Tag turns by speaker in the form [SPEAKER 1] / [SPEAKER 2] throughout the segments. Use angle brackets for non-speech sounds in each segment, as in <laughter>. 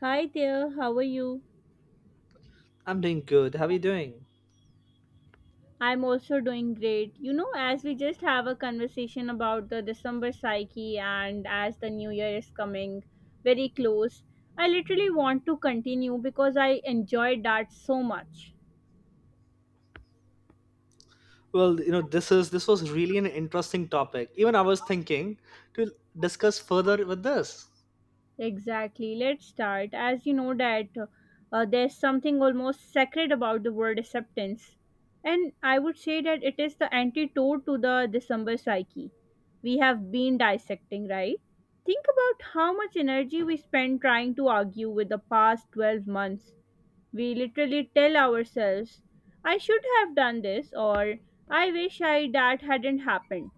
[SPEAKER 1] Hi there, how are you?
[SPEAKER 2] I'm doing good. How are you doing?
[SPEAKER 1] I'm also doing great. You know, as we just have a conversation about the December psyche and as the new year is coming very close, I literally want to continue because I enjoyed that so much.
[SPEAKER 2] Well, this was really an interesting topic. Even I was thinking to discuss further with this.
[SPEAKER 1] Exactly. Let's start. As you know that there's something almost sacred about the word acceptance. And I would say that it is the antidote to the December psyche. We have been dissecting, right? Think about how much energy we spend trying to argue with the past 12 months. We literally tell ourselves, I should have done this or I wish I that hadn't happened.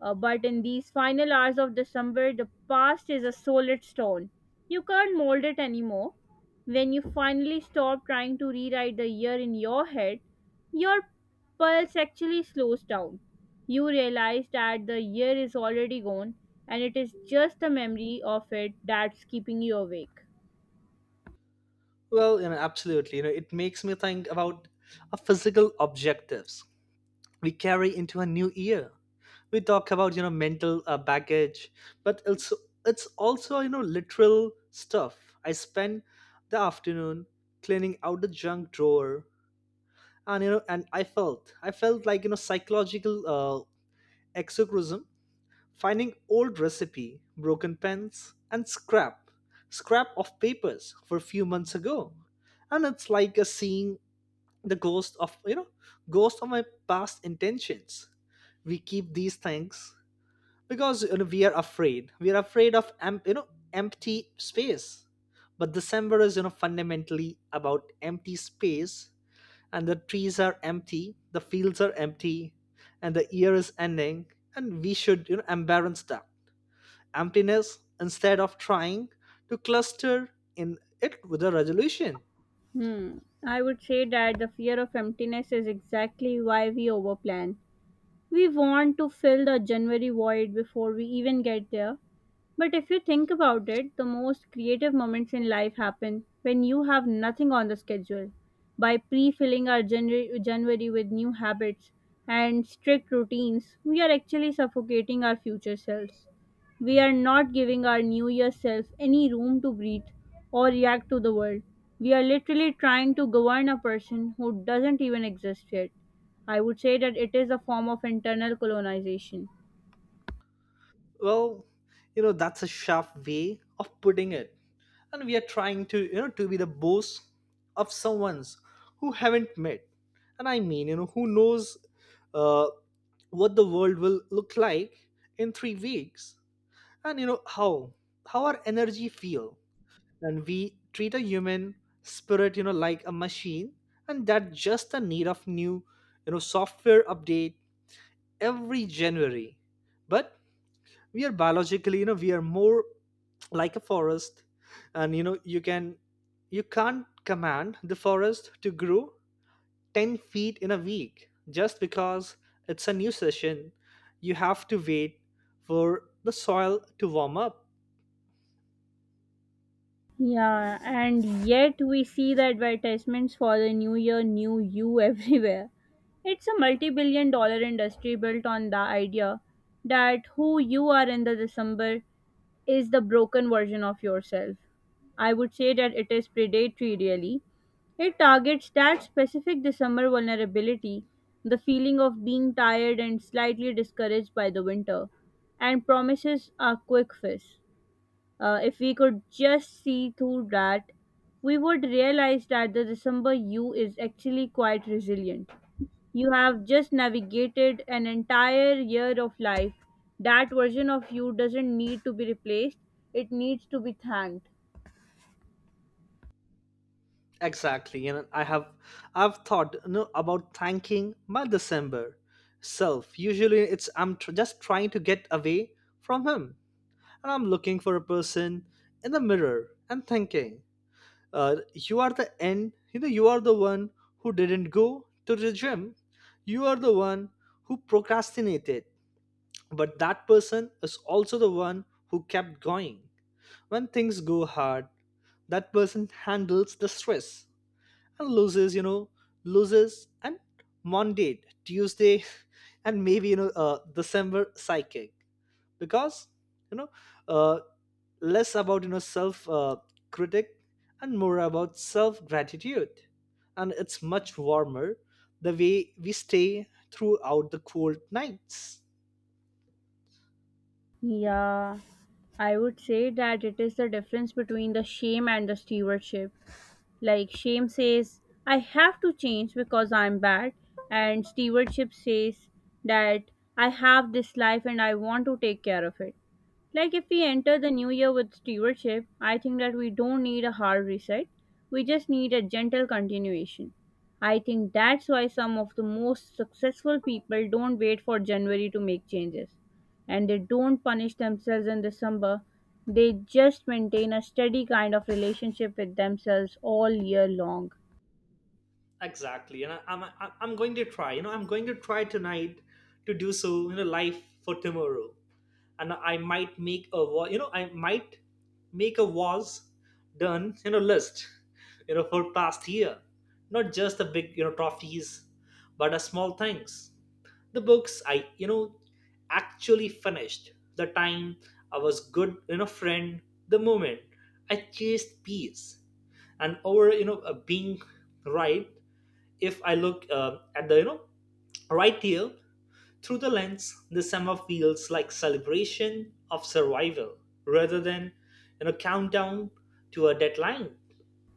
[SPEAKER 1] But in these final hours of December, the past is a solid stone. You can't mold it anymore. When you finally stop trying to rewrite the year in your head, your pulse actually slows down. You realize that the year is already gone and it is just the memory of it that's keeping you awake.
[SPEAKER 2] Well, absolutely. It makes me think about our physical objectives we carry into a new year. We talk about mental baggage, but it's also literal stuff. I spent the afternoon cleaning out the junk drawer, and and I felt like psychological exorcism. Finding old recipe, broken pens, and scrap of papers for a few months ago. And it's like a seeing the ghost of my past intentions. We keep these things because we are afraid. We are afraid of empty space. But December is fundamentally about empty space, and the trees are empty, the fields are empty, and the year is ending, and we should embrace that emptiness instead of trying to cluster in it with a resolution.
[SPEAKER 1] Hmm. I would say that the fear of emptiness is exactly why we overplan. We want to fill the January void before we even get there. But if you think about it, the most creative moments in life happen when you have nothing on the schedule. By pre filling our January with new habits and strict routines, we are actually suffocating our future selves. We are not giving our new year self any room to breathe or react to the world. We are literally trying to govern a person who doesn't even exist yet. I would say that it is a form of internal colonization.
[SPEAKER 2] Well, that's a sharp way of putting it. And we are trying to be the boss of someone's who haven't met. And I mean, who knows uh, what the world will look like in 3 weeks, and how our energy feel, and we treat a human spirit like a machine, and that just the need of new software update every January. But we are biologically, we are more like a forest, and you can't command the forest to grow 10 feet in a week just because it's a new session. You have to wait for the soil to warm up.
[SPEAKER 1] Yeah, and yet we see the advertisements for the new year, new you <laughs> everywhere. It's a multi billion dollar industry built on the idea that who you are in the December is the broken version of yourself. I would say that it is predatory, really. It targets that specific December vulnerability, the feeling of being tired and slightly discouraged by the winter, and promises a quick fix. If we could just see through that, we would realize that the December you is actually quite resilient. You have just navigated an entire year of life. That version of you doesn't need to be replaced, it needs to be thanked.
[SPEAKER 2] Exactly, and I've thought, about thanking my December self. Usually, it's I'm just trying to get away from him, and I'm looking for a person in the mirror and thinking, "You are the end. You are the one who didn't go to the gym. You are the one who procrastinated. But that person is also the one who kept going. When things go hard, that person handles the stress and loses and Monday, Tuesday, <laughs> and maybe December psychic, because you know uh, less about self critic and more about self gratitude, and it's much warmer the way we stay throughout the cold nights.
[SPEAKER 1] Yeah, I would say that it is the difference between the shame and the stewardship. Like, shame says, I have to change because I'm bad, and stewardship says that I have this life and I want to take care of it. Like if we enter the new year with stewardship, I think that we don't need a hard reset. We just need a gentle continuation. I think that's why some of the most successful people don't wait for January to make changes. And they don't punish themselves in December. They just maintain a steady kind of relationship with themselves all year long.
[SPEAKER 2] Exactly, and I'm going to try. I'm going to try tonight to do so. Life for tomorrow. And I might make a was done list for past year, not just the big trophies, but the small things, the books I actually finished, the time I was good friend, the moment I chased peace and over being right. If I look at the right here through the lens, the summer feels like celebration of survival rather than countdown to a deadline.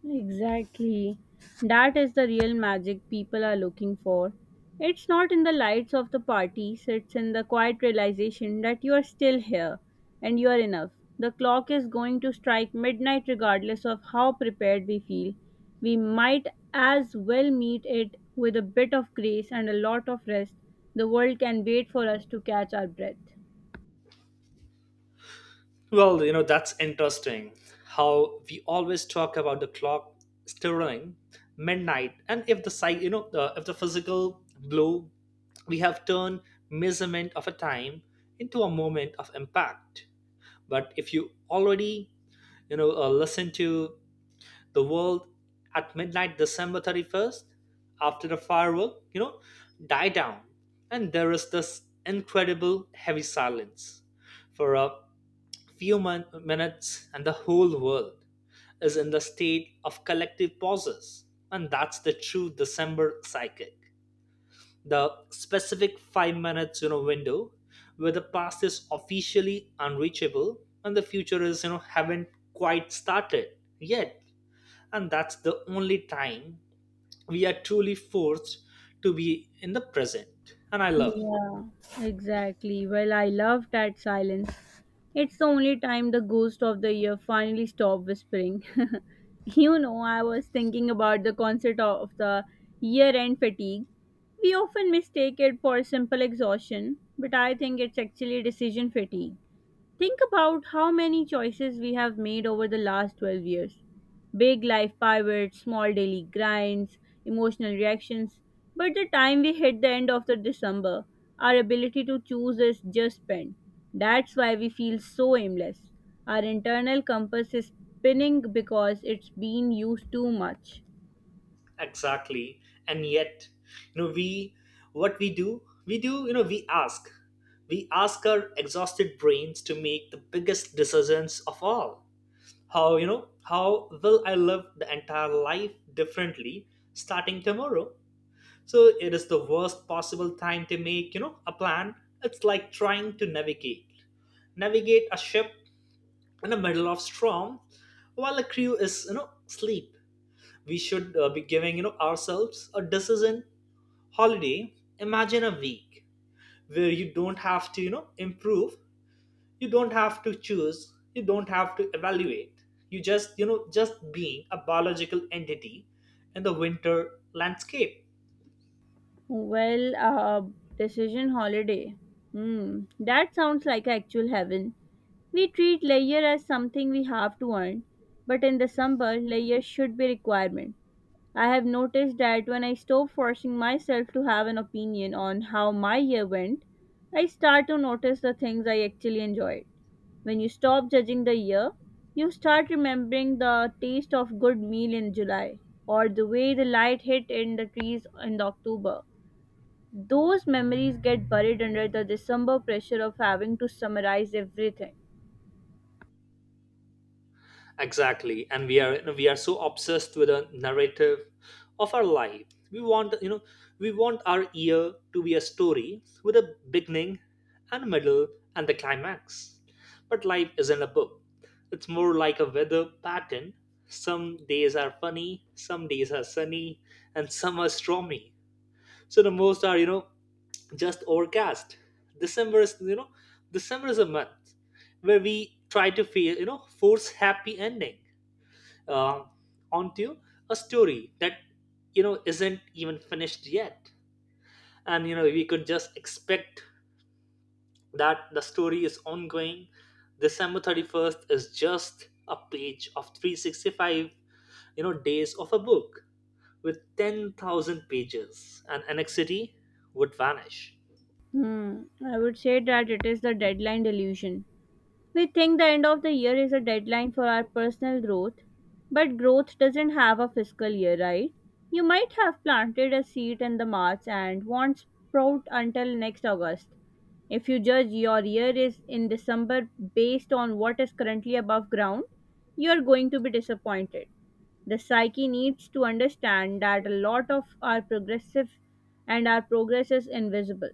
[SPEAKER 1] Exactly. That is the real magic people are looking for. It's not in the lights of the parties, it's in the quiet realization that you are still here and you are enough. The clock is going to strike midnight regardless of how prepared we feel. We might as well meet it with a bit of grace and a lot of rest. The world can wait for us to catch our breath.
[SPEAKER 2] Well, that's interesting. How we always talk about the clock stirring midnight, and if the psych, you know, the, if the physical blow, we have turned measurement of a time into a moment of impact. But if you already listen to the world at midnight December 31st, after the firework die down, and there is this incredible heavy silence for a few minutes, and the whole world is in the state of collective pauses, and that's the true December psychic, the specific 5 minutes window where the past is officially unreachable and the future is haven't quite started yet. And that's the only time we are truly forced to be in the present, and I love.
[SPEAKER 1] Yeah, exactly. Well, I love that silence. It's the only time the ghost of the year finally stopped whispering. <laughs> You know, I was thinking about the concept of the year end fatigue. We often mistake it for simple exhaustion, but I think it's actually decision fatigue. Think about how many choices we have made over the last 12 years. Big life pivots, small daily grinds, emotional reactions. But the time we hit the end of the December, our ability to choose is just spent. That's why we feel so aimless. Our internal compass is spinning because it's been used too much.
[SPEAKER 2] Exactly. And yet, you know we what we do, we ask our exhausted brains to make the biggest decisions of all. How you know how will I live the entire life differently starting tomorrow? So it is the worst possible time to make a plan. It's like trying to navigate a ship in the middle of storm while the crew is asleep. We should be giving ourselves a decision holiday. Imagine a week where you don't have to improve, you don't have to choose, you don't have to evaluate, you just you know just being a biological entity in the winter landscape.
[SPEAKER 1] Well, uh, Decision holiday. Hmm, that sounds like actual heaven. We treat leisure as something we have to earn, but in the summer, leisure should be requirement. I have noticed that when I stop forcing myself to have an opinion on how my year went, I start to notice the things I actually enjoyed. When you stop judging the year, you start remembering the taste of good meal in July or the way the light hit in the trees in the October. Those memories get buried under the December pressure of having to summarize everything.
[SPEAKER 2] Exactly. And we are so obsessed with a narrative of our life. We want our year to be a story with a beginning and middle and the climax. But life isn't a book. It's more like a weather pattern. Some days are funny, some days are sunny, and some are stormy. So the most are just overcast. December is you know december is a month where we try to feel force happy ending uh, onto a story that isn't even finished yet. And we could just expect that the story is ongoing. December 31st is just a page of 365 days of a book with 10,000 pages, and annexity would vanish.
[SPEAKER 1] Hmm, I would say that it is the deadline delusion. We think the end of the year is a deadline for our personal growth, but growth doesn't have a fiscal year, right? You might have planted a seed in the March and won't sprout until next August. If you judge your year is in December based on what is currently above ground, you are going to be disappointed. The psyche needs to understand that a lot of our progressive and our progress is invisible.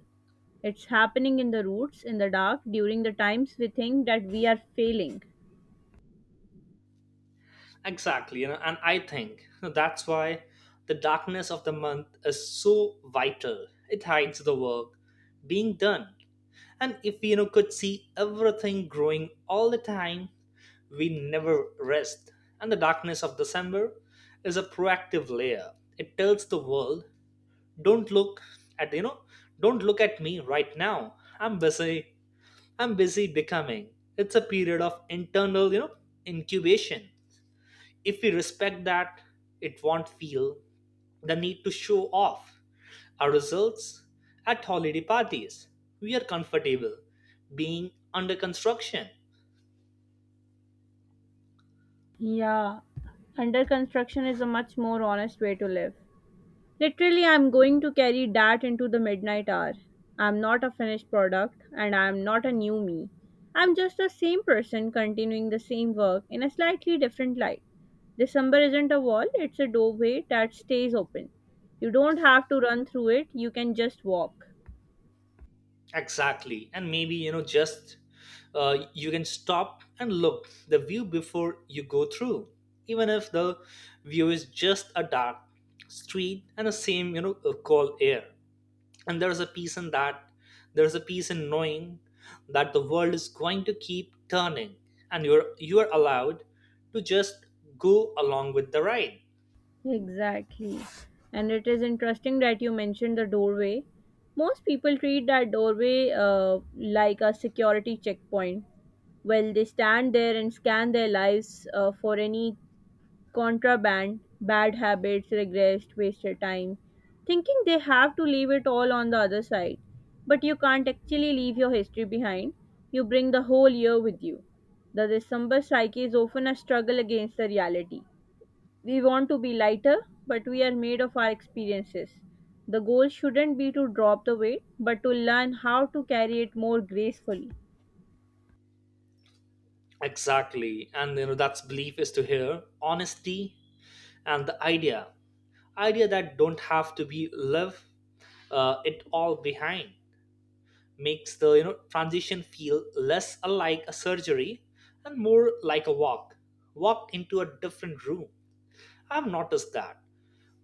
[SPEAKER 1] It's happening in the roots, in the dark, during the times we think that we are failing.
[SPEAKER 2] Exactly, and I think that's why the darkness of the month is so vital. It hides the work being done. And if we, could see everything growing all the time, we never rest. And the darkness of December is a proactive layer. It tells the world, don't look at you know, don't look at me right now. I'm busy. I'm busy becoming. It's a period of internal, incubation. If we respect that, it won't feel the need to show off. Our results at holiday parties. We are comfortable being under construction.
[SPEAKER 1] Yeah, under construction is a much more honest way to live. Literally, I'm going to carry that into the midnight hour. I'm not a finished product and I'm not a new me. I'm just the same person continuing the same work in a slightly different light. December isn't a wall, it's a doorway that stays open. You don't have to run through it, you can just walk.
[SPEAKER 2] Exactly. And maybe, just you can stop and look the view before you go through. Even if the view is just a dark street and the same, cold air. And there's a peace in that. There's a peace in knowing that the world is going to keep turning, and you are allowed to just go along with the ride.
[SPEAKER 1] Exactly. And it is interesting that you mentioned the doorway. Most people treat that doorway like a security checkpoint. Well, they stand there and scan their lives for any contraband, bad habits, regrets, wasted time, thinking they have to leave it all on the other side. But you can't actually leave your history behind. You bring the whole year with you. The December psyche is often a struggle against the reality we want to be lighter, but we are made of our experiences. The goal shouldn't be to drop the weight, but to learn how to carry it more gracefully.
[SPEAKER 2] Exactly. And that's belief is to hear honesty, and the idea that don't have to be left it all behind makes the transition feel less like a surgery and more like a walk into a different room. I've noticed that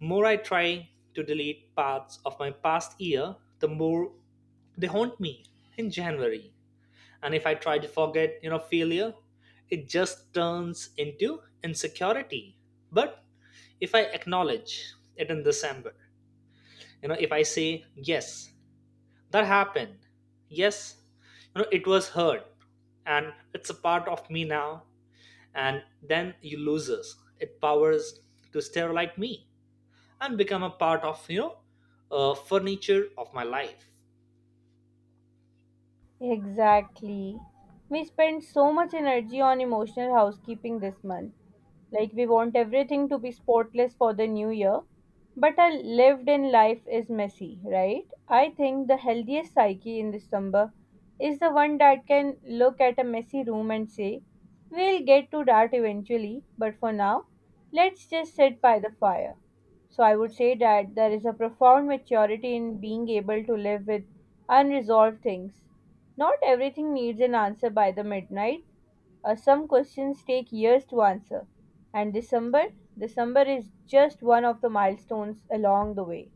[SPEAKER 2] more I try to delete parts of my past year, the more they haunt me in January. And if I try to forget failure, it just turns into insecurity. But if I acknowledge it in December, if I say, yes that happened, yes it was hurt, and it's a part of me now, and then you loses it powers to stare like me and become a part of furniture of my life.
[SPEAKER 1] Exactly. We spend so much energy on emotional housekeeping this month. Like, we want everything to be spotless for the new year. But a lived in life is messy, right? I think the healthiest psyche in December is the one that can look at a messy room and say, we'll get to that eventually, but for now, let's just sit by the fire. So I would say that there is a profound maturity in being able to live with unresolved things not everything needs an answer by the midnight. Some questions take years to answer, and December is just one of the milestones along the way.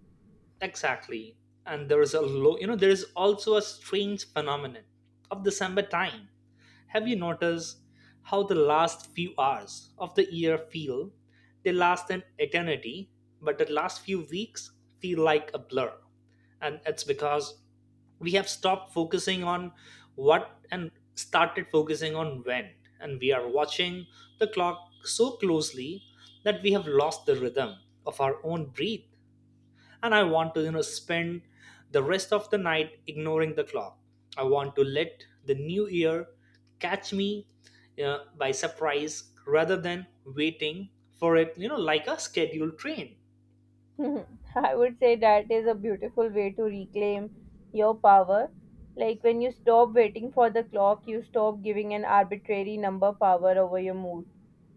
[SPEAKER 2] Exactly. And there is a low, you know, there is also a strange phenomenon of December time. Have you noticed how the last few hours of the year feel? They last an eternity, but the last few weeks feel like a blur. And it's because we have stopped focusing on what and started focusing on when. And we are watching the clock so closely that we have lost the rhythm of our own breath, and I want to spend the rest of the night ignoring the clock. I want to let the new year catch me by surprise, rather than waiting for it like a scheduled train.
[SPEAKER 1] <laughs> I would say that is a beautiful way to reclaim your power. Like when you stop waiting for the clock, you stop giving an arbitrary number power over your mood.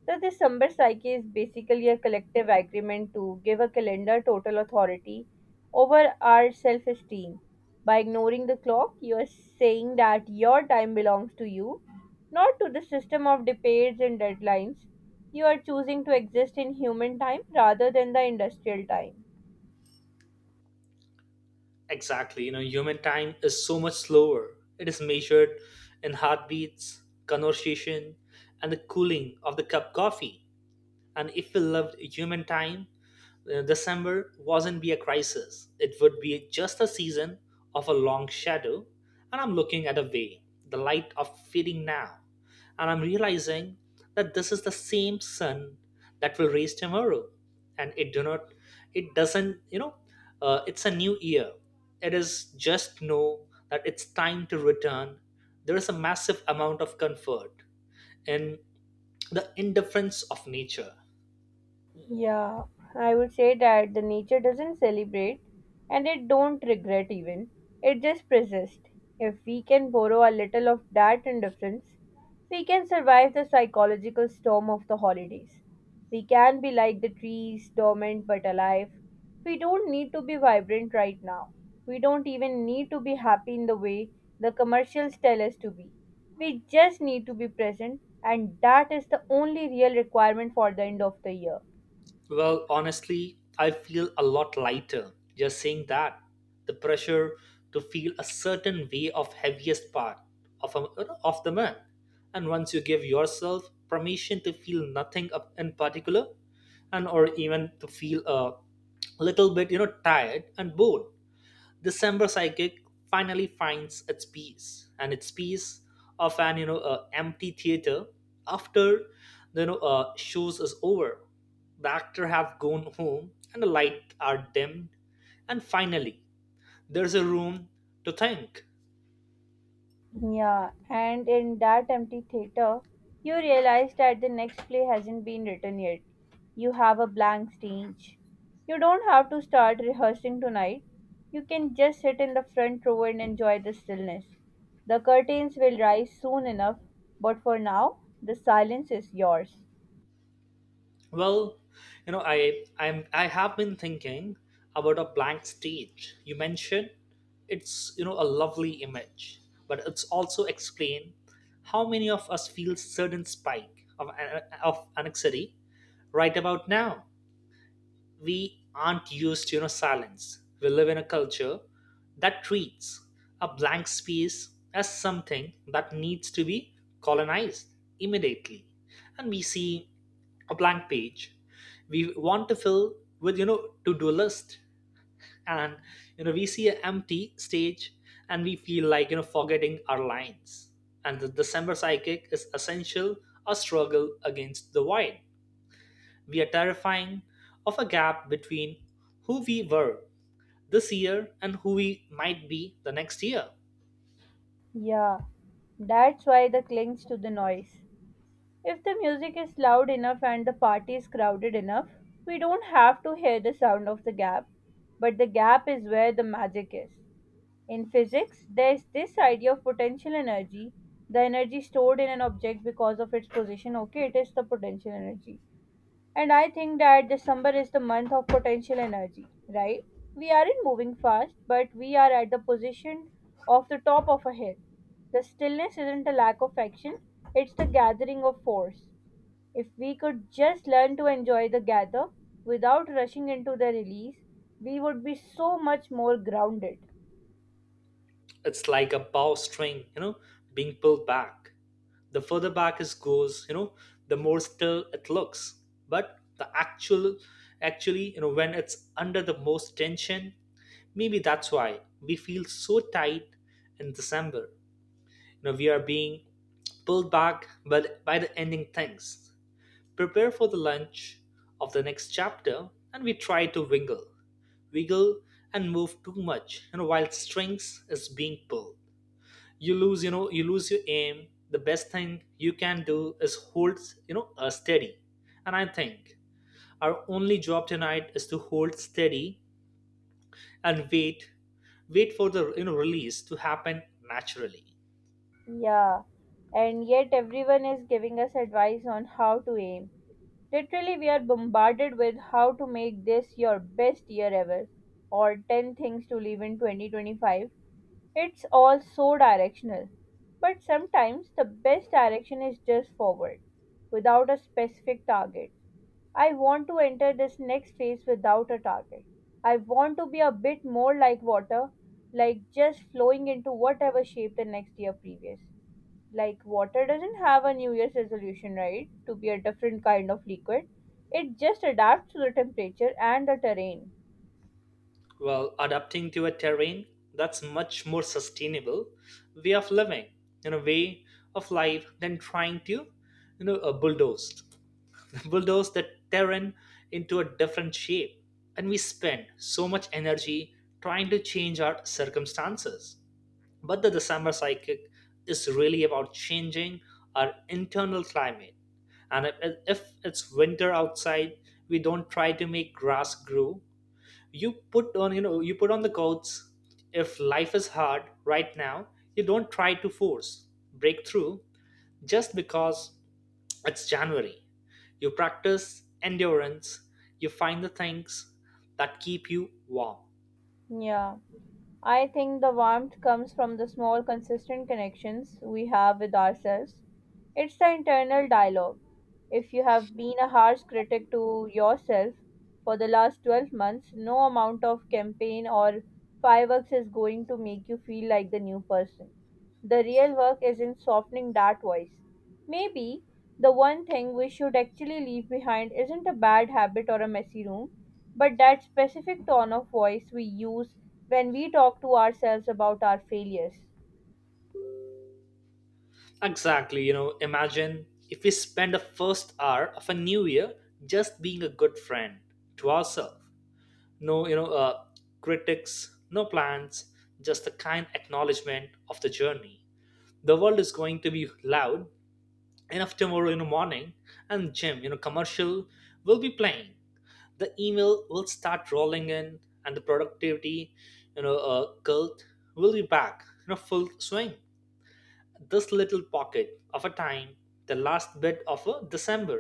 [SPEAKER 1] So this Sambar Psyche is basically a collective agreement to give a calendar total authority over our self-esteem. By ignoring the clock, you are saying that your time belongs to you, not to the system of debates and deadlines. You are choosing to exist in human time rather than the industrial time.
[SPEAKER 2] Exactly, human time is so much slower. It is measured in heartbeats, conversation, and the cooling of the cup coffee. And if we lived human time, December wasn't be a crisis. It would be just a season of a long shadow. And I'm looking at a way, the light of fading now. And I'm realizing that this is the same sun that will raise tomorrow. And it do not, it doesn't, you know, it's a new year. It is just know that it's time to return. There is a massive amount of comfort in the indifference of nature.
[SPEAKER 1] Yeah, I would say that the nature doesn't celebrate and it don't regret even. It just persists. If we can borrow a little of that indifference, we can survive the psychological storm of the holidays. We can be like the trees, dormant but alive. We don't need to be vibrant right now. We don't even need to be happy in the way the commercials tell us to be. We just need to be present, and that is the only real requirement for the end of the year.
[SPEAKER 2] Well, honestly, I feel a lot lighter just saying that. The pressure to feel a certain way of heaviest part of the month, and once you give yourself permission to feel nothing in particular, and or even to feel a little bit, tired and bored, December Psychic finally finds its peace of an empty theater after the shows is over. The actor have gone home and the light are dimmed and finally there's a room to think.
[SPEAKER 1] Yeah, and in that empty theater, you realize that the next play hasn't been written yet. You have a blank stage. You don't have to start rehearsing tonight. You can just sit in the front row and enjoy the stillness. The curtains will rise soon enough, but for now, the silence is yours.
[SPEAKER 2] Well, I have been thinking about a blank stage. You mentioned it's a lovely image, but it's also explain how many of us feel certain spike of anxiety right about now. We aren't used to silence. We live in a culture that treats a blank space as something that needs to be colonized immediately, and we see a blank page we want to fill with to do list and we see an empty stage and we feel like forgetting our lines. And the december psychic is essential a struggle against the void. We are terrifying of a gap between who we were this year and who we might be the next year.
[SPEAKER 1] Yeah, that's why the clings to the noise. If the music is loud enough and the party is crowded enough, we don't have to hear the sound of the gap, but the gap is where the magic is. In physics, there is this idea of potential energy, the energy stored in an object because of its position. Okay, it is the potential energy. And I think that December is the month of potential energy, right? We aren't moving fast, but we are at the position of the top of a hill. The stillness isn't a lack of action, it's the gathering of force. If we could just learn to enjoy the gather without rushing into the release, we would be so much more grounded.
[SPEAKER 2] It's like a bowstring, being pulled back. The further back it goes, the more still it looks, but the actual actually when it's under the most tension. Maybe that's why we feel so tight in december. We are being pulled back but by the ending things, prepare for the lunch of the next chapter. And we try to wiggle and move too much, while strings is being pulled. You lose, you lose your aim. The best thing you can do is hold, steady. And I think our only job tonight is to hold steady and wait, wait for the release to happen naturally.
[SPEAKER 1] Yeah, and yet everyone is giving us advice on how to aim. Literally, we are bombarded with how to make this your best year ever or 10 things to leave in 2025. It's all so directional. But sometimes the best direction is just forward, without a specific target. I want to enter this next phase without a target. I want to be a bit more like water, like just flowing into whatever shape the next year previous. Like water doesn't have a New Year's resolution, right? To be a different kind of liquid. It just adapts to the temperature and the terrain.
[SPEAKER 2] Well, adapting to a terrain, that's much more sustainable way of living, in a way of life than trying to you know uh, bulldoze bulldoze the terrain into a different shape. And we spend so much energy trying to change our circumstances. But the December psychic is really about changing our internal climate. And if it's winter outside, we don't try to make grass grow. You put on the coats. If life is hard right now, you don't try to force breakthrough just because it's January. You practice endurance, you find the things that keep you warm.
[SPEAKER 1] Yeah. I think the warmth comes from the small, consistent connections we have with ourselves. It's the internal dialogue. If you have been a harsh critic to yourself for the last 12 months, no amount of campaign or fireworks is going to make you feel like the new person. The real work is in softening that voice. Maybe the one thing we should actually leave behind isn't a bad habit or a messy room, but that specific tone of voice we use when we talk to ourselves about our failures.
[SPEAKER 2] Exactly, imagine if we spend the first hour of a new year just being a good friend to ourselves. No, critics, no plans, just a kind acknowledgement of the journey. The world is going to be loud enough tomorrow in the morning, and gym, commercial will be playing. The email will start rolling in, and the productivity cult will be back, full swing. This little pocket of a time, the last bit of a december,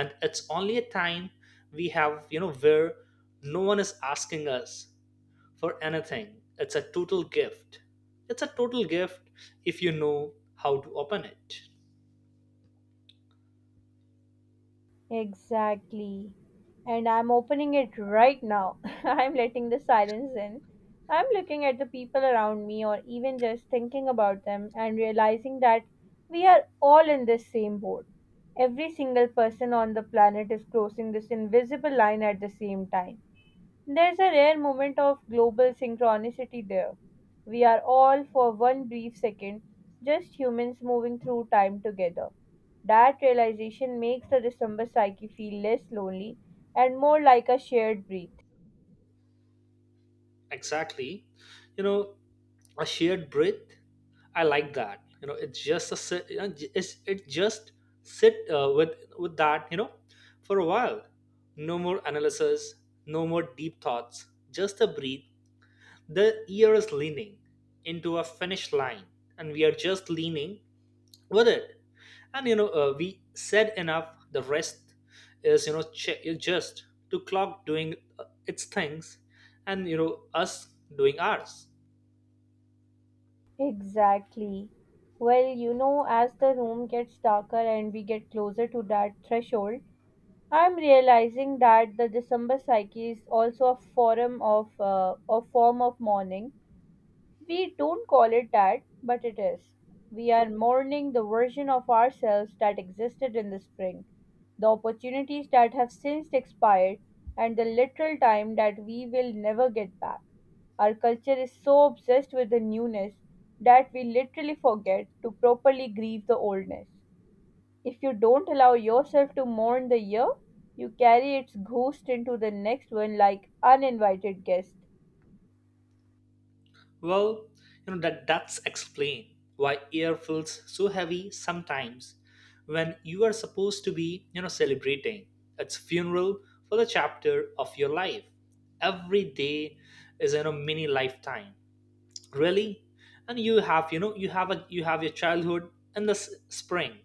[SPEAKER 2] and it's only a time we have, where no one is asking us for anything. It's a total gift, it's a total gift if you know how to open it.
[SPEAKER 1] Exactly. And I'm opening it right now. <laughs> I'm letting the silence in. I'm looking at the people around me or even just thinking about them and realizing that we are all in this same boat. Every single person on the planet is crossing this invisible line at the same time. There's a rare moment of global synchronicity there. We are all, for one brief second, just humans moving through time together. That realization makes the December psyche feel less lonely and more like a shared breath.
[SPEAKER 2] Exactly, you know a shared breath. I like that. You know it's just a sit- you know, j- it's, it just sit with that, for a while. No more analysis, no more deep thoughts, just a breathe. The ear is leaning into a finish line, and we are just leaning with it. And we said enough. The rest is just to clock doing its things, and us doing ours.
[SPEAKER 1] Exactly. Well, you know, as the room gets darker and we get closer to that threshold, I'm realizing that the December psyche is also a form of mourning. We don't call it that, but it is. We are mourning the version of ourselves that existed in the spring, the opportunities that have since expired, and the literal time that we will never get back. Our culture is so obsessed with the newness that we literally forget to properly grieve the oldness. If you don't allow yourself to mourn the year, you carry its ghost into the next one like uninvited guest.
[SPEAKER 2] Well, that that's explain why air feels so heavy sometimes when you are supposed to be, celebrating its funeral for the chapter of your life. Every day is mini lifetime, really. And you have your childhood in the spring,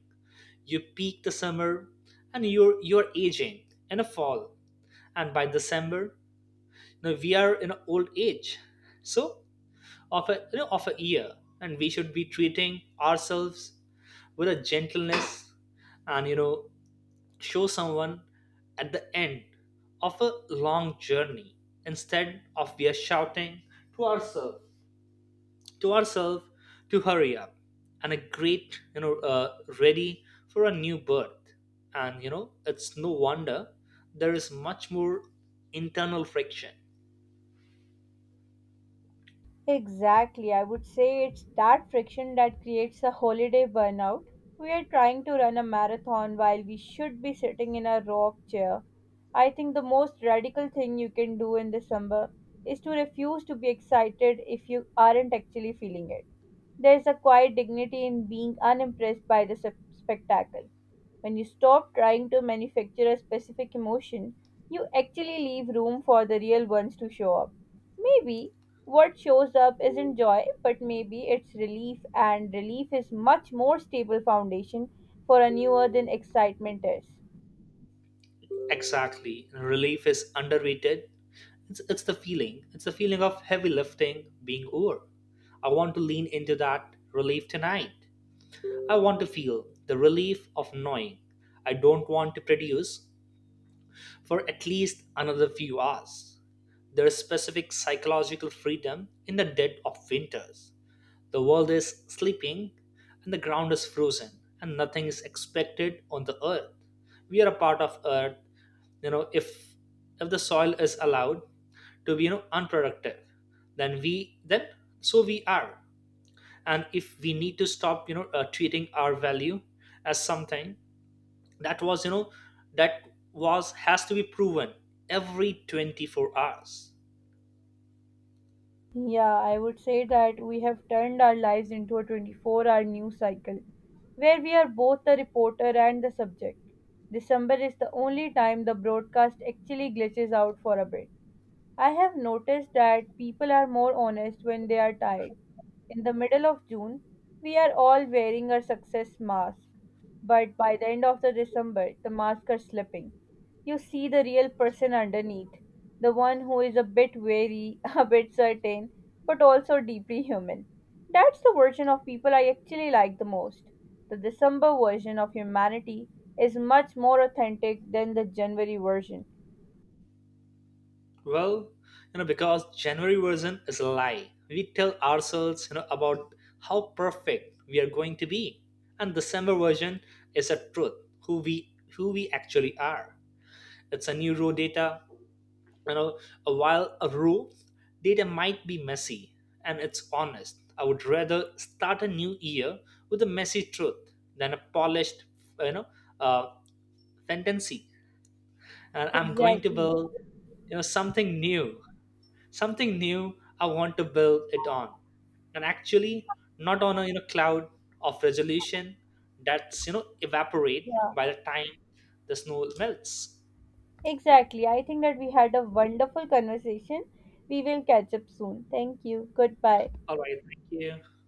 [SPEAKER 2] you peak the summer, and you're aging in the fall, and by December, we are in old age. So of a, of a year, and we should be treating ourselves with a gentleness, and show someone at the end of a long journey, instead of we are shouting to ourselves, to ourselves to hurry up and a great ready for a new birth. And it's no wonder there is much more internal friction.
[SPEAKER 1] Exactly. I would say it's that friction that creates a holiday burnout. We are trying to run a marathon while we should be sitting in a rock chair. I think the most radical thing you can do in December is to refuse to be excited if you aren't actually feeling it. There's a quiet dignity in being unimpressed by the spectacle. When you stop trying to manufacture a specific emotion, you actually leave room for the real ones to show up. Maybe what shows up isn't joy, but maybe it's relief, and relief is much more stable foundation for a newer than excitement is.
[SPEAKER 2] Exactly, relief is underrated. It's the feeling. It's the feeling of heavy lifting being over. I want to lean into that relief tonight. I want to feel the relief of knowing I don't want to produce for at least another few hours. There's specific psychological freedom in the dead of winters. The world is sleeping and the ground is frozen and nothing is expected on the earth. We are a part of earth, if the soil is allowed to be unproductive, then so we are. And if we need to stop treating our value as something that was, that was has to be proven every 24 hours.
[SPEAKER 1] Yeah, I would say that we have turned our lives into a 24-hour hour news cycle where we are both the reporter and the subject. December is the only time the broadcast actually glitches out for a bit. I have noticed that people are more honest when they are tired. In the middle of June, we are all wearing our success mask, but by the end of the December, the masks are slipping. You see the real person underneath, the one who is a bit wary, <laughs> a bit certain, but also deeply human. That's the version of people I actually like the most. The December version of humanity is much more authentic than the January version.
[SPEAKER 2] Well, because january version is a lie we tell ourselves, about how perfect we are going to be. And december version is a truth who we actually are. It's a new raw data, you know while a rule data might be messy, and it's honest. I would rather start a new year with a messy truth than a polished, you know uh, fantasy. And I'm going to
[SPEAKER 1] Exactly.
[SPEAKER 2] build something new, something new. I want to build it on, and actually not on a, cloud of resolution that's evaporate
[SPEAKER 1] Yeah.
[SPEAKER 2] by the time the snow melts.
[SPEAKER 1] Exactly. I think that we had a wonderful conversation. We will catch up soon. Thank you. Goodbye.
[SPEAKER 2] All right, thank you.